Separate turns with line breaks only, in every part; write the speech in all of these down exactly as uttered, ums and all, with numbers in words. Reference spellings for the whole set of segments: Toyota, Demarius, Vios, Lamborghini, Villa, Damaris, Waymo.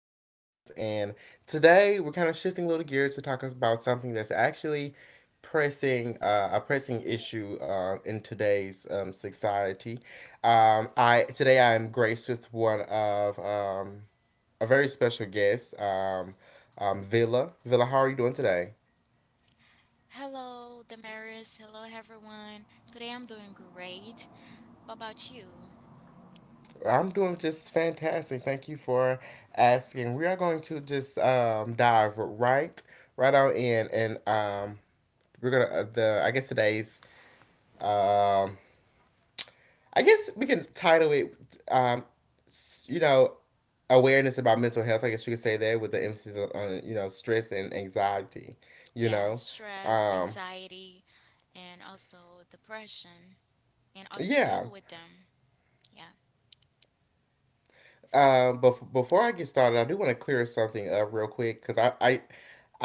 Demarius, and today we're kind of shifting a little gears to talk about something that's actually pressing uh, a pressing issue um, in today's um, society. Um, I today I am graced with one of um, a very special guest, um, um, Villa. Villa, how are you doing today?
Hello, Damaris. Hello, everyone. Today I'm doing great. How about you?
I'm doing just fantastic. Thank you for asking. We are going to just um, dive right right on in, and um, we're gonna uh, the I guess today's um I guess we can title it um you know awareness about mental health. I guess you could say that, with the emphasis on you know stress and anxiety. You
Yeah,
know,
stress,
um
anxiety, and also depression, and how to
yeah.
deal with them. Yeah.
Um, but before I get started, I do want to clear something up real quick because I, I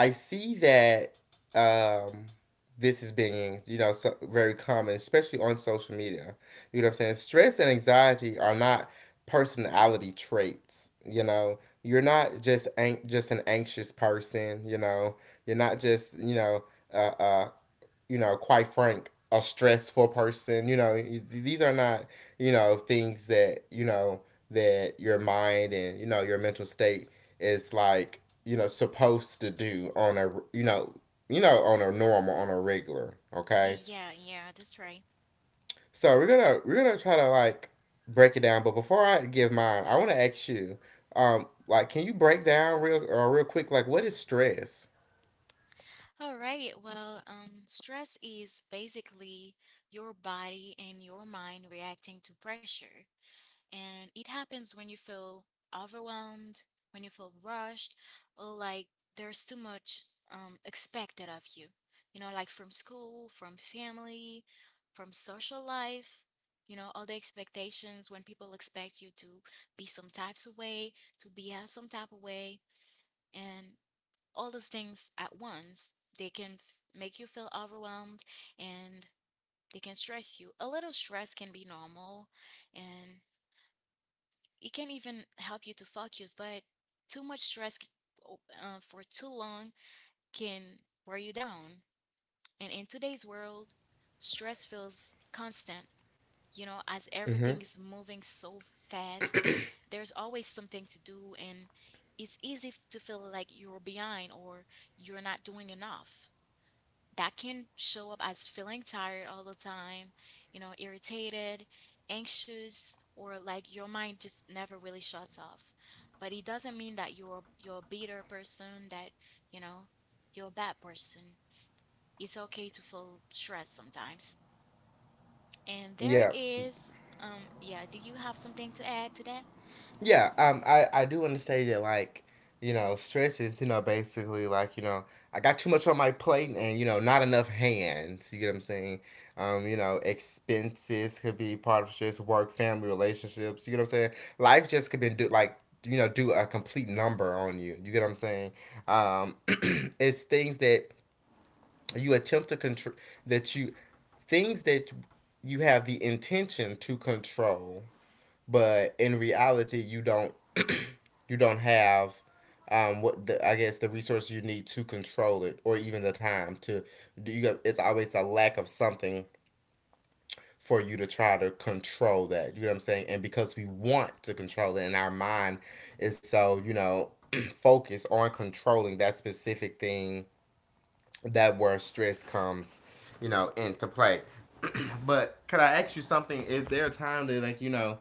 I see that um this is being, you know so, very common, especially on social media. You know what I'm saying? Stress and anxiety are not personality traits. You know, you're not just an, just an anxious person. You know, you're not just you know uh. a, you know, quite frank, a stressful person. You know, these are not, you know, things that, you know, that your mind and, you know, your mental state is like, you know, supposed to do on a, you know, you know, on a normal, on a regular, okay?
Y- Yeah, yeah, that's right.
So we're gonna we're gonna try to, like, break it down, but before I give mine, I want to ask you, um, like, can you break down real or real quick, like, what is stress?
All right. Well, um, stress is basically your body and your mind reacting to pressure. And it happens when you feel overwhelmed, when you feel rushed, or like there's too much um, expected of you. You know, like from school, from family, from social life, you know, all the expectations when people expect you to be some types of way, to behave some type of way, and all those things at once. They can f- make you feel overwhelmed and they can stress you. A little stress can be normal and it can even help you to focus, but too much stress uh, for too long can wear you down. And in today's world, stress feels constant, you know, as
Mm-hmm.
everything is moving so fast. There's always something to do, and it's easy to feel like you're behind or you're not doing enough that can show up as feeling tired all the time, you know, irritated, anxious, or like your mind just never really shuts off. But it doesn't mean that you're you're a bitter person, that, you know, you're a bad person. It's okay to feel stressed sometimes. And there
Yeah.
is um yeah, do you have something to add to that?
Yeah, um, I, I do want to say that, like, you know, stress is, you know, basically, like, you know, I got too much on my plate and, you know, not enough hands. You get what I'm saying? Um, you know, expenses could be part of stress, work, family, relationships. You get what I'm saying? Life just could be, do, like, you know, do a complete number on you. You get what I'm saying? Um, it's things that you attempt to control, that you, things that you have the intention to control, but in reality, you don't you don't have um what the, I guess, the resources you need to control it, or even the time to, do, you got, it's always a lack of something for you to try to control that. You know what I'm saying? And because we want to control it, and our mind is so, you know, focused on controlling that specific thing, that where stress comes, you know, into play. But could I ask you something? Is there a time that, like, you know,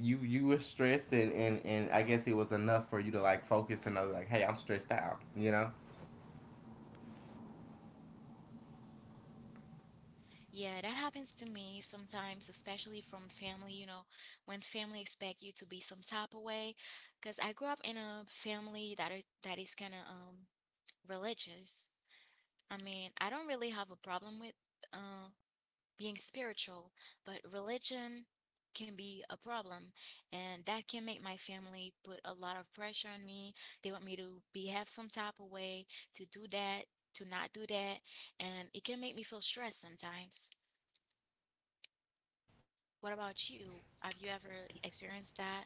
you you were stressed, and and and I guess it was enough for you to, like, focus and know, like, hey, I'm stressed out. You know.
Yeah, that happens to me sometimes, especially from family, you know, when family expect you to be some type of way. Because I grew up in a family that are, that is kind of um religious. I mean, I don't really have a problem with uh being spiritual, but religion can be a problem, and that can make my family put a lot of pressure on me. They want me to behave some type of way, to do that, to not do that, and it can make me feel stressed sometimes. What about you? Have you ever experienced that?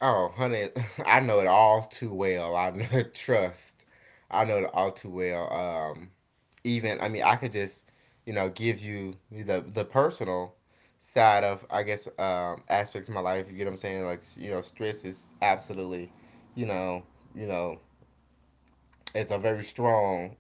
Oh, honey, I know it all too well. I know, trust. I know it all too well. Um, even, I mean, I could just you know give you the the personal side of, I guess, um aspect of my life. You get what I'm saying? Like, you know, stress is absolutely, you know, you know, it's a very strong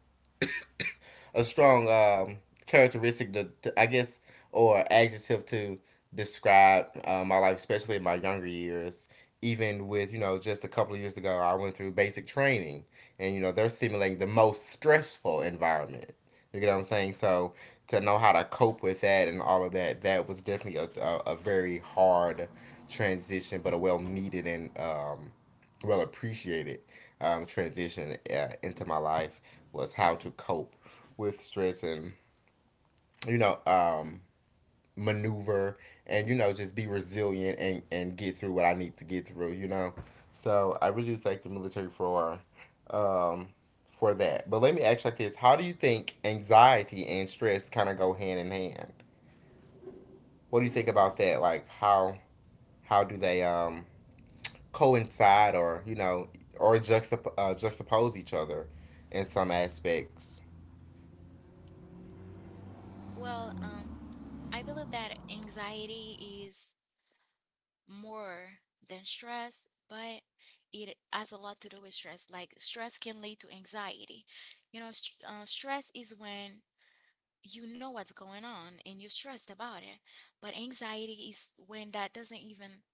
a strong um, characteristic to, to, I guess, or adjective to describe uh, my life, especially in my younger years. Even with, you know just a couple of years ago, I went through basic training, and you know they're simulating the most stressful environment. You get what I'm saying? So to know how to cope with that and all of that, that was definitely a, a, a very hard transition, but a well needed and, um, well appreciated um, transition uh, into my life was how to cope with stress and, you know um, maneuver, and you know just be resilient, and and get through what I need to get through. You know, so I really do thank the military for, um, for that. But let me ask you like this: how do you think anxiety and stress kind of go hand in hand? What do you think about that? Like, how how do they um, coincide, or you know or juxtap- uh, juxtapose each other in some aspects?
Well, um, I believe that anxiety is more than stress, but it has a lot to do with stress. Like, stress can lead to anxiety. You know, st uh, stress is when you know what's going on and you're stressed about it. But anxiety is when that doesn't even,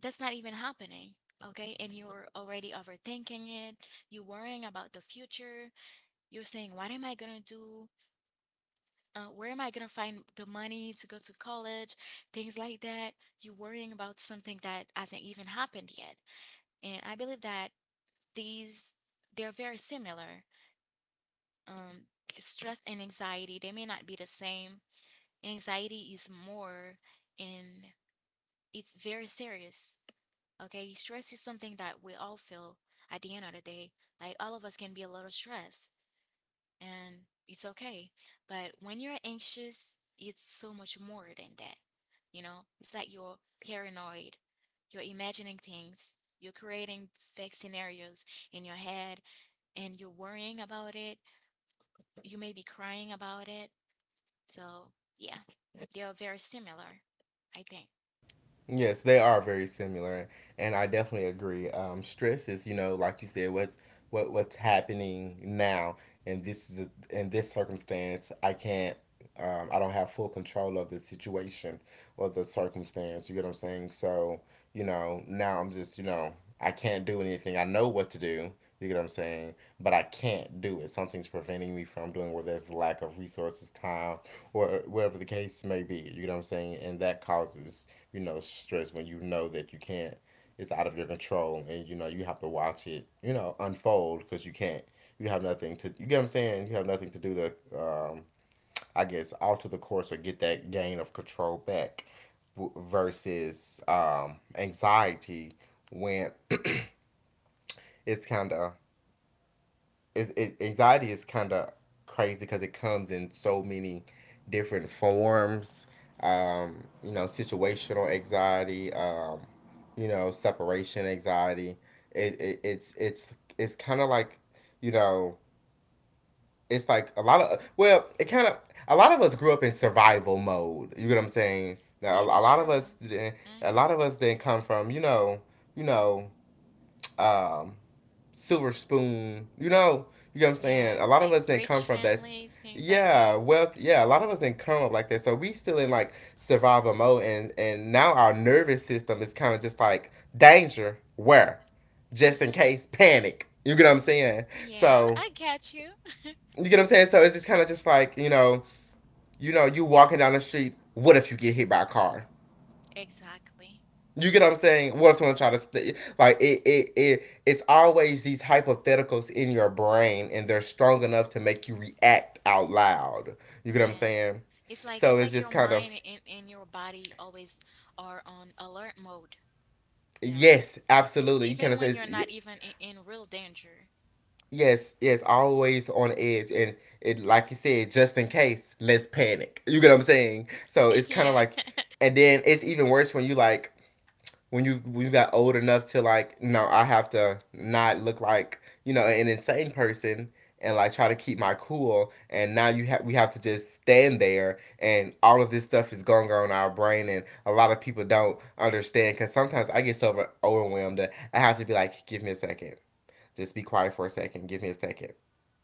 that's not even happening. Okay, and you're already overthinking it. You're worrying about the future. You're saying, what am I gonna do? Uh, where am I gonna find the money to go to college, things like that. You're worrying about something that hasn't even happened yet. And I believe that these they're very similar. Um, Stress and anxiety, they may not be the same. Anxiety is more and it's very serious. Okay, stress is something that we all feel at the end of the day. Like all of us can be a little stressed and it's okay. But when you're anxious, it's so much more than that. You know, it's like you're paranoid, you're imagining things, you're creating fake scenarios in your head, and you're worrying about it. You may be crying about it. So, yeah, they are very similar, I think.
Yes, they are very similar, and I definitely agree. Um, stress is, you know, like you said, what's what what's happening now, and this is a, in this circumstance, I can't, um, I don't have full control of the situation or the circumstance. You get what I'm saying? So, you know, now I'm just, you know, I can't do anything. I know what to do. You get what I'm saying? But I can't do it. Something's preventing me from doing. Whether there's lack of resources, time, or whatever the case may be. You get what I'm saying? And that causes, you know, stress, when you know that you can't, it's out of your control, and, you know, you have to watch it, you know, unfold because you can't, you have nothing to, you get what I'm saying? You have nothing to do to, um, I guess, alter the course or get that gain of control back, versus um, anxiety. When it's kind of it, it, anxiety is kind of crazy because it comes in so many different forms, um, you know situational anxiety, um, you know separation anxiety. It, it, it's it's it's kind of like, you know it's like a lot of, well, it kind of a lot of us grew up in survival mode. You get what I'm saying? Now, a,
Yeah,
a
that's
lot of
true.
us, a
Mm-hmm.
lot of us then come from, you know, you know, um, silver spoon. You know, you get what I'm saying?
Yeah,
A lot of
like
us didn't come
rich
from that.
families, things like
Yeah,
that.
wealth. Yeah, a lot of us didn't come up like that, so we still in like survival mode, and and now our nervous system is kind of just like danger, where just in
Mm-hmm.
case panic. You get what I'm saying?
Yeah,
So,
I I get you.
you get what I'm saying? So it's just kind of just like, you know, you know, you walking down the street. What if you get hit by a car?
Exactly.
You get what I'm saying? What if someone try to st- like it, it? It it's always these hypotheticals in your brain, and they're strong enough to make you react out loud. You get what I'm
Yeah.
saying?
It's like
So
it's
it's
like
just
your
kind of,
mind and, and your body always are on alert mode, you know?
yes,
If,
absolutely. You kind
Even
of say
when you're
it's-
not even in, in real danger.
yes, yes, always on edge, and it, like you said, just in case, let's panic. You get what I'm saying? So it's kind of
Yeah.
like, and then it's even worse when you like when you when you got old enough to, like, no, I have to not look like, you know an insane person, and like try to keep my cool, and now you have we have to just stand there, and all of this stuff is going on in our brain, and a lot of people don't understand because sometimes I get so over- overwhelmed that I have to be like, give me a second, just be quiet for a second, give me a second,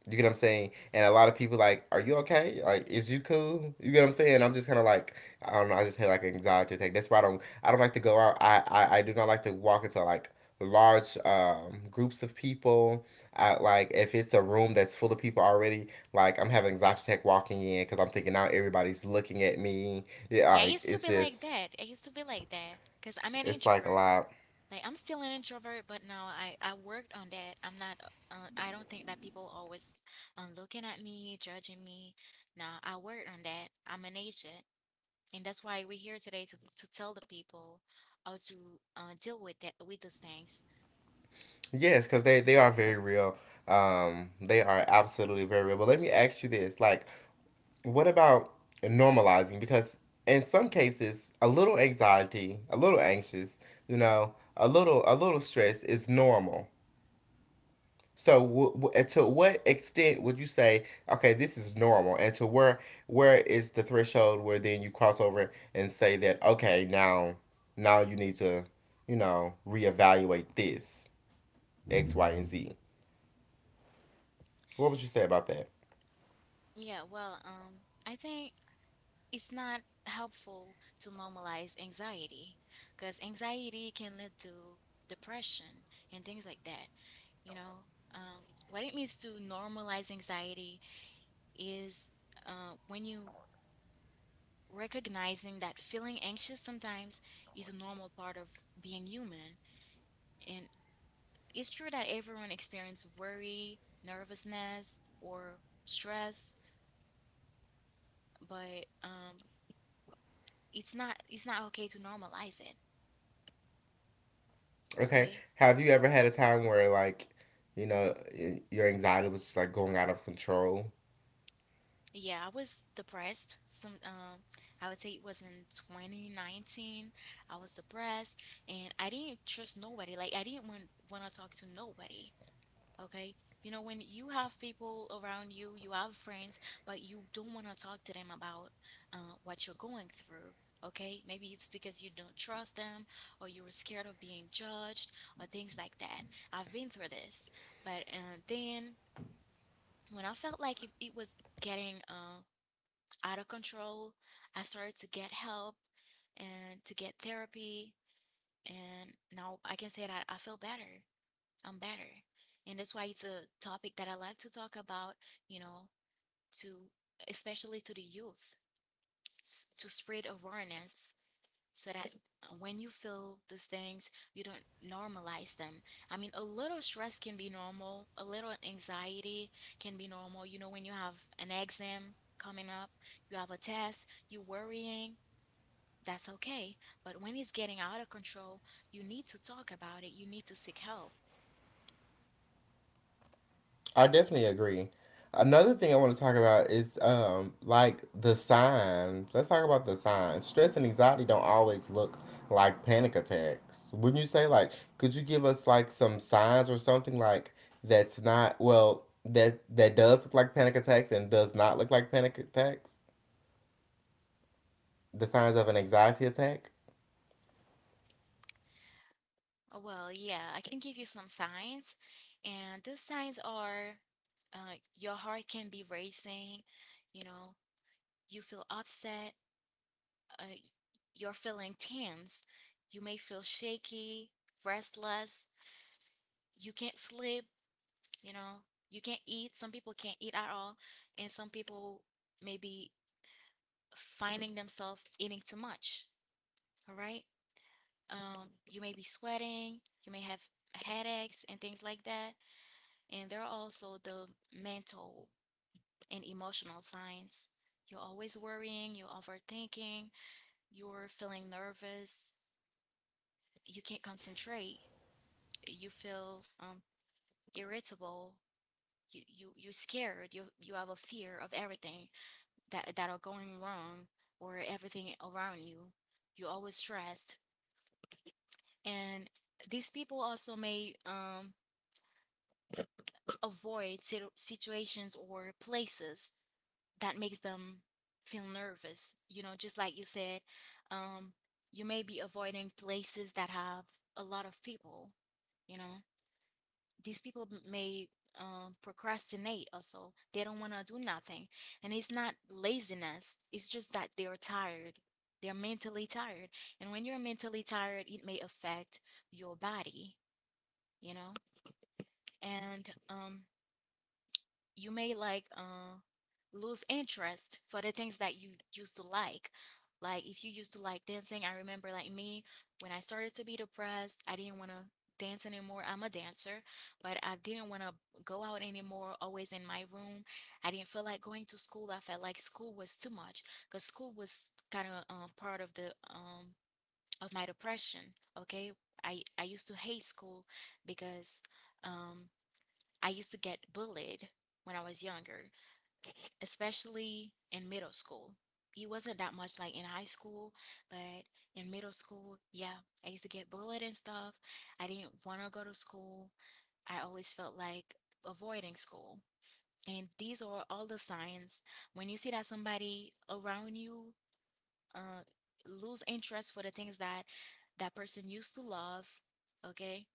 you get what I'm saying? And a lot of people, like, are you okay? Like, is you cool? You get what I'm saying? I'm just kind of like, I don't know. I just had like an anxiety attack. That's why I don't, I don't like to go out. I, I, I do not like to walk into like large um, groups of people. I, like, if it's a room that's full of people already, like, I'm having anxiety attack walking in because I'm thinking now everybody's looking at me. Yeah,
Yeah, I
like,
used to
it's
be like
just,
that. I used to be like that because I'm an
it's like a
introvert.
lot.
Like I'm still an introvert, but now I I worked on that. I'm not. Uh, I don't think that people always um, looking at me, judging me. Now I worked on that. I'm an agent, and that's why we're here today to to tell the people how to uh, deal with that with those things.
Yes, because they they are very real. Um, they are absolutely very real. But let me ask you this: like, what about normalizing? Because in some cases, a little anxiety, a little anxious, you know, a little a little stress is normal. So, w- w- to what extent would you say, okay, this is normal, and to where where is the threshold where then you cross over and say that, okay, now now you need to, you know, reevaluate this X, Y, and Z. What would you say about that?
Yeah, well, um, I think it's not helpful to normalize anxiety because anxiety can lead to depression and things like that. You know, um, what it means to normalize anxiety is uh, when you recognizing that feeling anxious sometimes is a normal part of being human. And it's true that everyone experiences worry, nervousness, or stress, but um, it's not it's not okay to normalize it.
Okay.
Okay,
Have you ever had a time where, like, you know, y- your anxiety was just like going out of control?
yeah, I was depressed some um I would say it was in twenty nineteen. I was depressed and I didn't trust nobody. Like, I didn't want want to talk to nobody. Okay, you know, when you have people around you, you have friends, but you don't want to talk to them about uh, what you're going through. Okay, maybe it's because you don't trust them, or you were scared of being judged or things like that. I've been through this, but uh, then when I felt like if it was getting uh, out of control, I started to get help and to get therapy. And now I can say that I feel better. I'm better. And that's why it's a topic that I like to talk about, you know, to especially to the youth, s- to spread awareness so that when you feel these things, you don't normalize them. I mean, a little stress can be normal, a little anxiety can be normal. You know, when you have an exam coming up, you have a test, you're worrying, that's okay. But when it's getting out of control, you need to talk about it, you need to seek help.
I definitely agree. Another thing I want to talk about is um like the signs. Let's talk about the signs. Stress and anxiety don't always look like panic attacks. Wouldn't you say, like, could you give us like some signs or something, like, that's not, well, that that does look like panic attacks, and does not look like panic attacks? The signs of an anxiety attack?
Oh, well, yeah, I can give you some signs, and these signs are uh, your heart can be racing, you know, you feel upset, uh, you're feeling tense, you may feel shaky, restless, you can't sleep, you know, you can't eat. Some people can't eat at all, and some people may be finding themselves eating too much. All right. Um, you may be sweating, you may have headaches and things like that. And there are also the mental and emotional signs. You're always worrying, you're overthinking, you're feeling nervous, you can't concentrate, you feel um, irritable. You, you you're scared. You you have a fear of everything that that are going wrong or everything around you. You're always stressed, and these people also may um, avoid situ- situations or places that makes them feel nervous. You know, just like you said, um, you may be avoiding places that have a lot of people. You know, these people may um, procrastinate, also they don't want to do nothing, and it's not laziness, it's just that they're tired, they're mentally tired, and when you're mentally tired it may affect your body, you know. And um you may like uh, lose interest for the things that you used to like. Like if you used to like dancing, I remember like me when I started to be depressed, I didn't want to dance anymore. I'm a dancer, but I didn't want to go out anymore, always in my room. I didn't feel like going to school. I felt like school was too much because school was kind of um, part of the um of my depression, okay? I I used to hate school because um I used to get bullied when I was younger, especially in middle school. It wasn't that much like in high school, but in middle school, yeah, I used to get bullied and stuff. I didn't want to go to school. I always felt like avoiding school. And these are all the signs when you see that somebody around you uh, lose interest for the things that that person used to love, okay?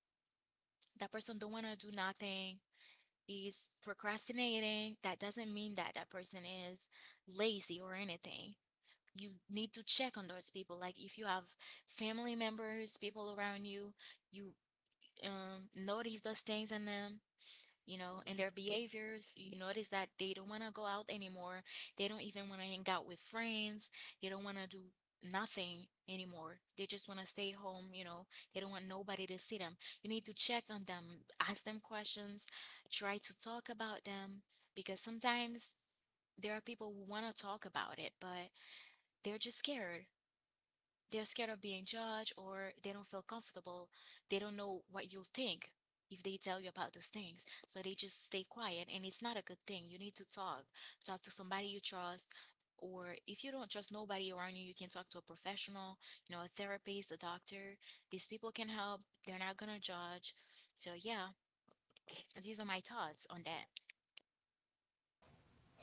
That person don't want to do nothing, is procrastinating, that doesn't mean that that person is lazy or anything. You need to check on those people. Like if you have family members, people around you, you um, notice those things in them, you know, and their behaviors. You notice that they don't want to go out anymore. They don't even want to hang out with friends. They don't want to do nothing anymore. They just want to stay home, you know. They don't want nobody to see them. You need to check on them, ask them questions, try to talk about them because sometimes there are people who want to talk about it, but they're just scared they're scared of being judged or they don't feel comfortable. They don't know what you'll think if they tell you about these things. So they just stay quiet and it's not a good thing. You need to talk. Talk to somebody you trust. Or if you don't trust nobody around you, you can talk to a professional, you know, a therapist, a doctor. These people can help. They're not gonna judge. So yeah, these are my thoughts on that.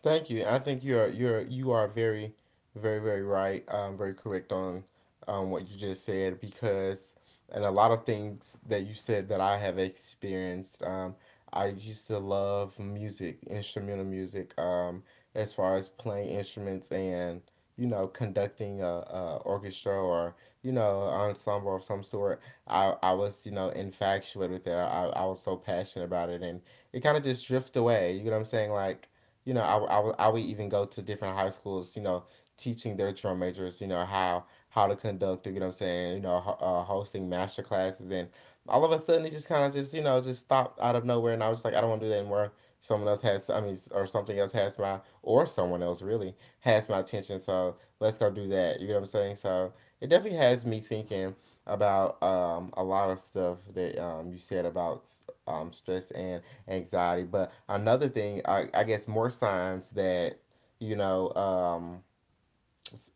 Thank you. I think you're you're you are very, very, very right. Um, very correct on, um, what you just said because, and a lot of things that you said that I have experienced. Um, I used to love music, instrumental music. Um, as far as playing instruments and you know conducting a, a orchestra or you know ensemble of some sort. I I was you know infatuated with it. I I was so passionate about it, and it kind of just drifted away. You know what I'm saying? Like you know, I I I would even go to different high schools, you know, teaching their drum majors, you know, how how to conduct, you know what I'm saying, you know, ho- uh, hosting master classes. And all of a sudden, it just kind of just, you know, just stopped out of nowhere. And I was like, I don't want to do that anymore. Someone else has, I mean, or something else has my, or someone else really has my attention. So let's go do that. You know what I'm saying? So it definitely has me thinking about um, a lot of stuff that um, you said about um, stress and anxiety. But another thing, I, I guess, more signs that you know um,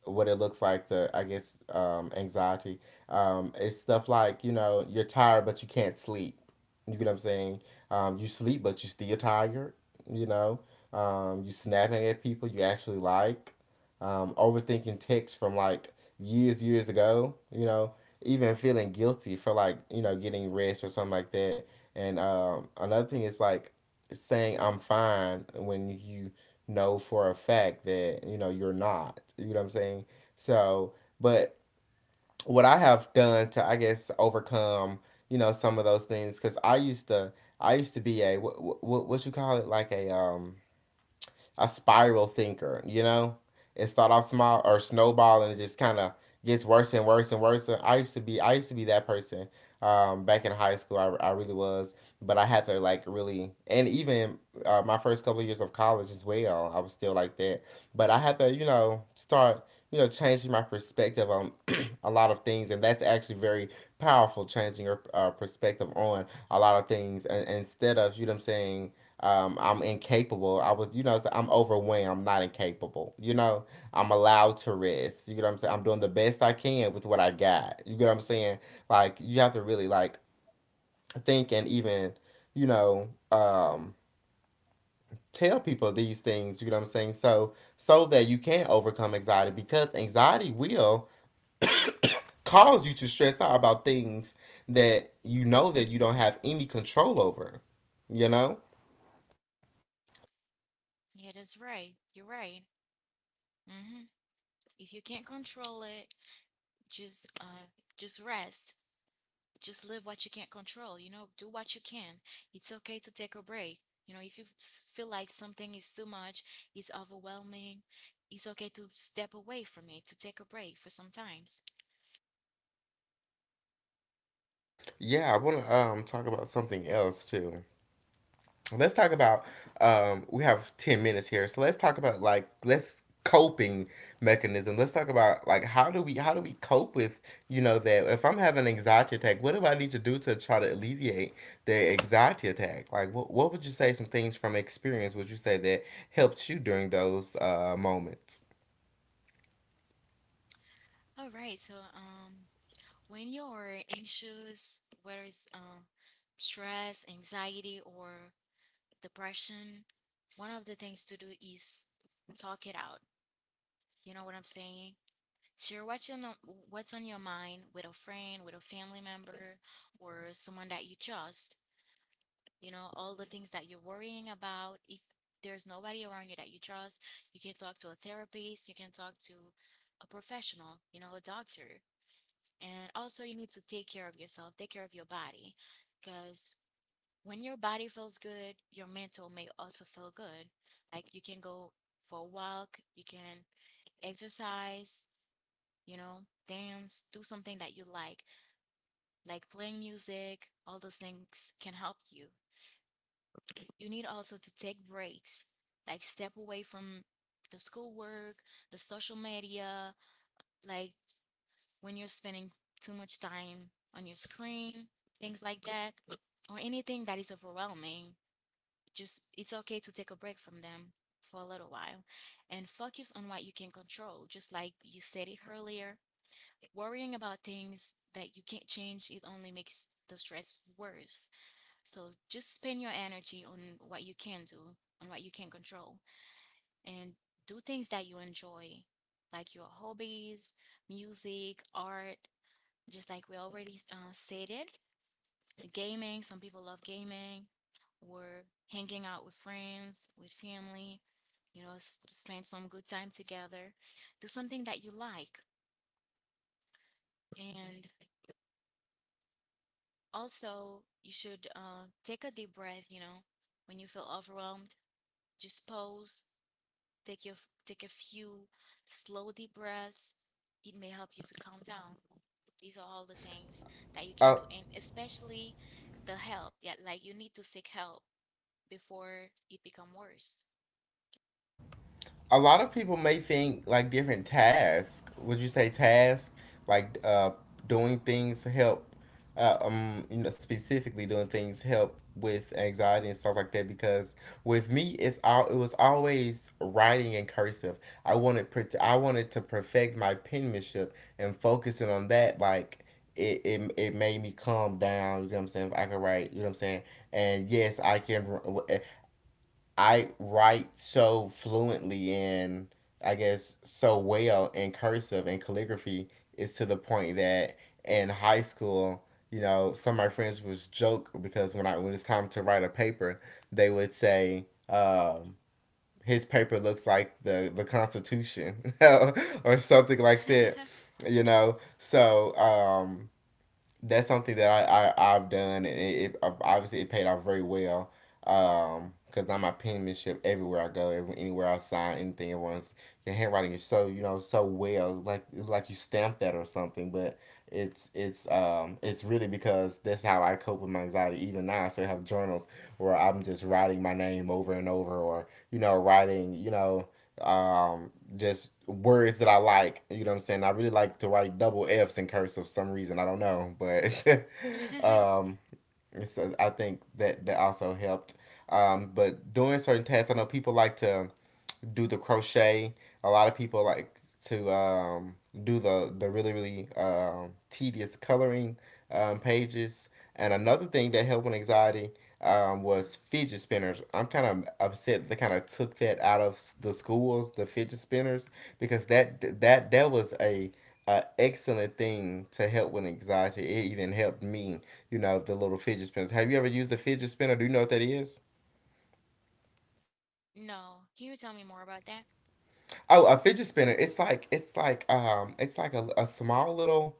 what it looks like to I guess um, anxiety. Um, it's stuff like you know you're tired but you can't sleep. You get what I'm saying? Um, you sleep but you still tired. You know, um, you snapping at people you actually like. Um, overthinking texts from like years years ago. You know, even feeling guilty for like you know getting rest or something like that. And um, another thing is like saying I'm fine when you know for a fact that you know you're not, you know what I'm saying. So but what I have done to I guess overcome you know some of those things because i used to I used to be a what, what what you call it, like a um a spiral thinker, you know? It start off small or snowball and it just kind of gets worse and worse and worse. And I used to be I used to be that person um, back in high school. I, I really was, but I had to like really, and even uh, my first couple of years of college as well. I was still like that, but I had to you know start you know changing my perspective on a lot of things, and that's actually very powerful, changing your uh, perspective on a lot of things. And instead of, you know what I'm saying, um, I'm incapable. I was, you know, so I'm overwhelmed. I'm not incapable. You know, I'm allowed to rest. You get what I'm saying? I'm doing the best I can with what I got. You get what I'm saying? Like, you have to really, like, think, and even, you know, um, tell people these things. You get what I'm saying? So, so that you can overcome anxiety, because anxiety will cause you to stress out about things that you know that you don't have any control over. You know?
Yeah, that's right. You're right. Hmm. If you can't control it, just uh, just rest, just live what you can't control, you know, do what you can. It's okay to take a break, you know, if you feel like something is too much, it's overwhelming. It's okay to step away from it, to take a break for some times.
Yeah, I want to um talk about something else too. Let's talk about um we have ten minutes here, so let's talk about like let's coping mechanism. Let's talk about like, how do we how do we cope with you know, that if I'm having an anxiety attack, what do I need to do to try to alleviate the anxiety attack? Like, what, what would you say some things from experience would you say that helped you during those uh moments?
All right so um when you're anxious, whether it's uh, stress, anxiety, or depression, one of the things to do is talk it out, you know what I'm saying. Share what's on the, what's on your mind with a friend, with a family member, or someone that you trust. You know, all the things that you're worrying about. If there's nobody around you that you trust, you can talk to a therapist, you can talk to a professional, you know, a doctor. And also, you need to take care of yourself, take care of your body, because when your body feels good, your mental may also feel good. Like, you can go for a walk, you can exercise, you know, dance, do something that you like, like playing music. All those things can help you. You need also to take breaks, like step away from the schoolwork, the social media, like when you're spending too much time on your screen, things like that, or anything that is overwhelming. Just, it's okay to take a break from them for a little while and focus on what you can control, just like you said it earlier. Worrying about things that you can't change, it only makes the stress worse. So just spend your energy on what you can do, on what you can control, and do things that you enjoy, like your hobbies, music, art, just like we already uh, said it. Gaming, some people love gaming, or hanging out with friends, with family, you know, s- spend some good time together. Do something that you like. And also, you should uh, take a deep breath, you know, when you feel overwhelmed, just pause, take your f- take a few slow deep breaths. It may help you to calm down. These are all the things that you can
uh,
do, and especially the help. Yeah, like, you need to seek help before it become worse.
a lot of people may think like different tasks. Would you say task like uh doing things to help uh, um you know, specifically doing things help with anxiety and stuff like that, because with me it's all, it was always writing in cursive. I wanted pre- I wanted to perfect my penmanship and focusing on that, like it, it, it made me calm down, you know what I'm saying? If I could write, you know what I'm saying? And yes, I can, I write so fluently and I guess so well in cursive, and calligraphy is to the point that in high school, you know, some of my friends was joke, because when I when it's time to write a paper, they would say, um, his paper looks like the the Constitution or something like that, you know. So um, that's something that I, I I've done, and it, it obviously it paid off very well. Um, because now my penmanship, everywhere I go, every, anywhere I sign anything, everyone's, your handwriting is so you know so well, it's like it's like you stamped that or something. But it's it's um it's really because that's how I cope with my anxiety. Even now, I still have journals where I'm just writing my name over and over, or you know writing you know um just words that I like. You know what I'm saying? I really like to write double F's in cursive for some reason. I don't know, but um, it's, uh, I think that that also helped. Um, but doing certain tasks, I know people like to do the crochet. A lot of people like to um, do the the really really um, tedious coloring um, pages. And another thing that helped with anxiety um, was fidget spinners. I'm kind of upset they kind of took that out of the schools, the fidget spinners, because that that that was a, a excellent thing to help with anxiety. It even helped me, you know, the little fidget spinners. Have you ever used a fidget spinner? Do you know what that is?
No. Can you tell me more about that?
Oh, a fidget spinner. It's like it's like um it's like a, a small little,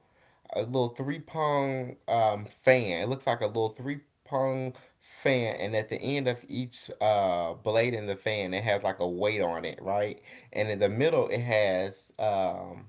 a little three prong um fan. It looks like a little three prong fan, and at the end of each uh blade in the fan it has like a weight on it, right? And in the middle it has um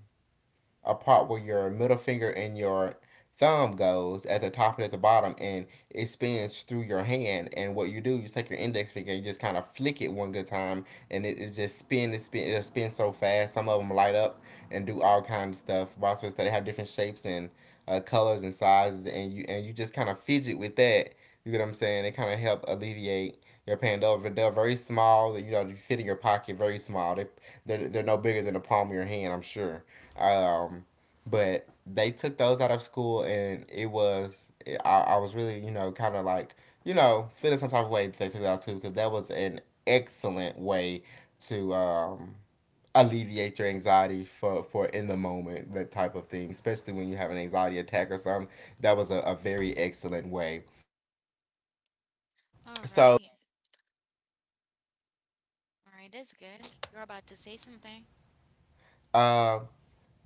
a part where your middle finger and your thumb goes at the top and at the bottom, and it spins through your hand. And what you do, you just take your index finger and you just kind of flick it one good time, and it, it just spin it spin it'll spin so fast. Some of them light up and do all kinds of stuff. Also that have different shapes and uh, colors and sizes, and you, and you just kind of fidget with that. You get what I'm saying? It kind of help alleviate your pain. They're, they're very small, you know, you fit in your pocket, very small, they, they're, they're no bigger than the palm of your hand, I'm sure. um, but they took those out of school, and it was I, I was really you know kind of like you know feeling some type of way that they took it out too, because that was an excellent way to um, alleviate your anxiety for, for in the moment, that type of thing, especially when you have an anxiety attack or something. That was a, a very excellent way.
All
So
right. All right, that's good. You're about to say something.
uh,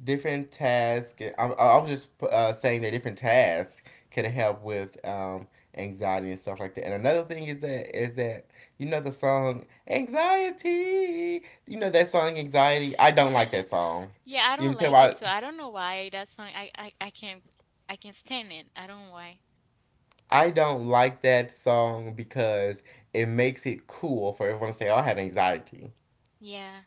different tasks. I, I was just uh, saying that different tasks can help with um, anxiety and stuff like that. And another thing is that is that you know the song Anxiety. You know that song Anxiety. I don't like that song.
Yeah, I
You know what I'm
don't
saying?
like it,
Why?
so I don't know why that song. I I, I can't, I can't stand it. I don't know why.
I don't like that song because it makes it cool for everyone to say, "Oh, I have anxiety.
Yeah,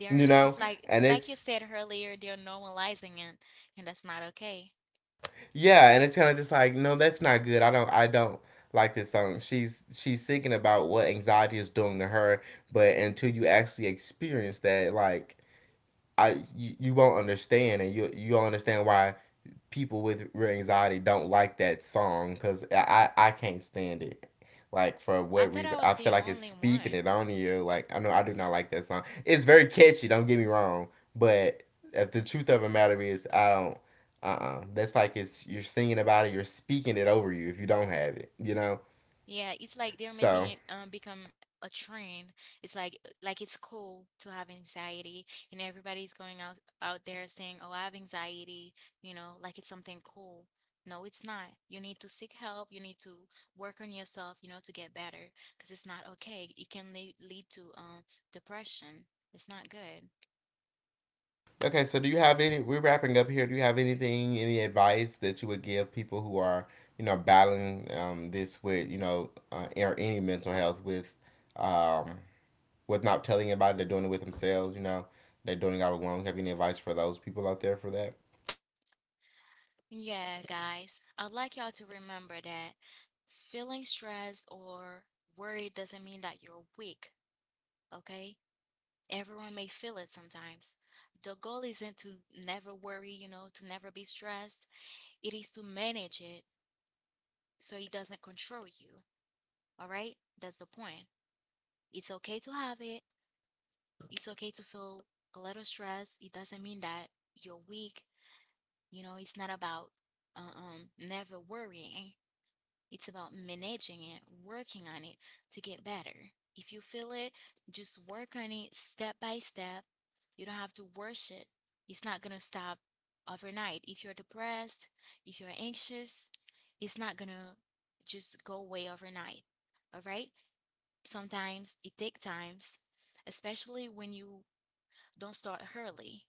there.
You know,
It's like
and
like you
it's,
said earlier, they're normalizing it, and that's not okay.
yeah, and it's kind of just like, no, that's not good. I don't, I don't like this song. She's she's singing about what anxiety is doing to her, but until you actually experience that, like, I you, you won't understand, and you you won't understand why people with real anxiety don't like that song, because I, I can't stand it. Like, for
I
what
thought I
reason? I
was
feel
the
like it's
only
speaking it
one.
on you. Like, I know I do not like that song. It's very catchy, don't get me wrong, but if the truth of the matter is I don't. Uh uh That's like, it's, you're singing about it. You're speaking it over you if you don't have it. You know.
Yeah, it's like they're making
So
it um become a trend. It's like like it's cool to have anxiety, and everybody's going out out there saying, "Oh, I have anxiety," you know, like it's something cool. No, it's not. You need to seek help. You need to work on yourself, you know, to get better, because it's not okay. It can lead, lead to um depression. It's not good.
okay, so do you have any? We're wrapping up here. Do you have anything, any advice that you would give people who are, you know, battling um, this with, you know, uh, or any mental health with, um, with not telling about it, they're doing it with themselves. You know, they're doing it all alone. Have any advice for those people out there for that?
Yeah, guys, I'd like y'all to remember that feeling stressed or worried doesn't mean that you're weak, okay? Everyone may feel it sometimes. The goal isn't to never worry, you know, to never be stressed. It is to manage it so it doesn't control you. All right? That's the point. It's okay to have it. It's okay to feel a little stressed. It doesn't mean that you're weak. You know, it's not about uh, um never worrying. It's about managing it, working on it to get better. If you feel it, just work on it step by step. You don't have to rush it. It's not going to stop overnight. If you're depressed, if you're anxious, it's not going to just go away overnight. All right? Sometimes it takes times, especially when you don't start early.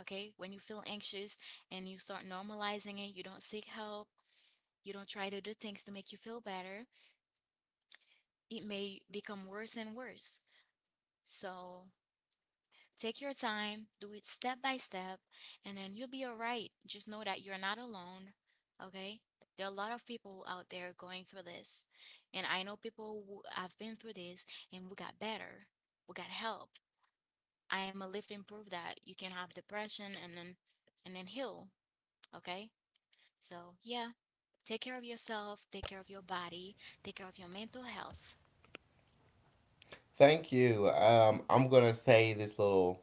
Okay? When you feel anxious and you start normalizing it, you don't seek help, you don't try to do things to make you feel better, it may become worse and worse. So take your time, do it step by step, and then you'll be all right. Just know that you're not alone, okay? There are a lot of people out there going through this. And I know people who have been through this, and we got better. We got help. I am a living proof that you can have depression and then and then heal, okay? So, yeah, take care of yourself, take care of your body, take care of your mental health.
Thank you. Um, I'm gonna say this little,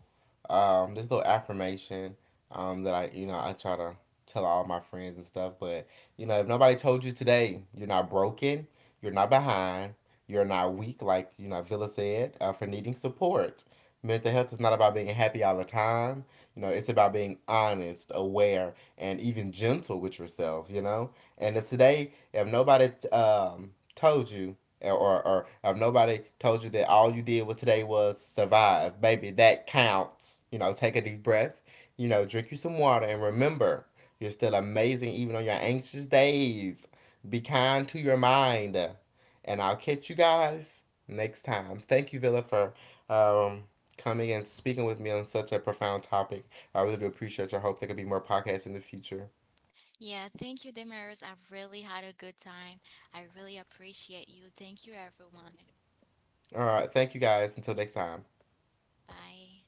um, this little affirmation, um, that I, you know, I try to tell all my friends and stuff. But you know, if nobody told you today, you're not broken, you're not behind, you're not weak, like you know Villa said, uh, for needing support. Mental health is not about being happy all the time. You know, it's about being honest, aware, and even gentle with yourself. You know, and if today, if nobody um told you, or, or, or or if nobody told you that all you did was today was survive, baby, that counts. You know, take a deep breath, you know, drink you some water, and remember, you're still amazing even on your anxious days. Be kind to your mind. And I'll catch you guys next time. Thank you, Villa, for um, coming and speaking with me on such a profound topic. I really do appreciate you. I hope there could be more podcasts in the future.
Yeah, thank you, Damaris. I've really had a good time. I really appreciate you. Thank you, everyone.
All right. Thank you guys. Until next time.
Bye.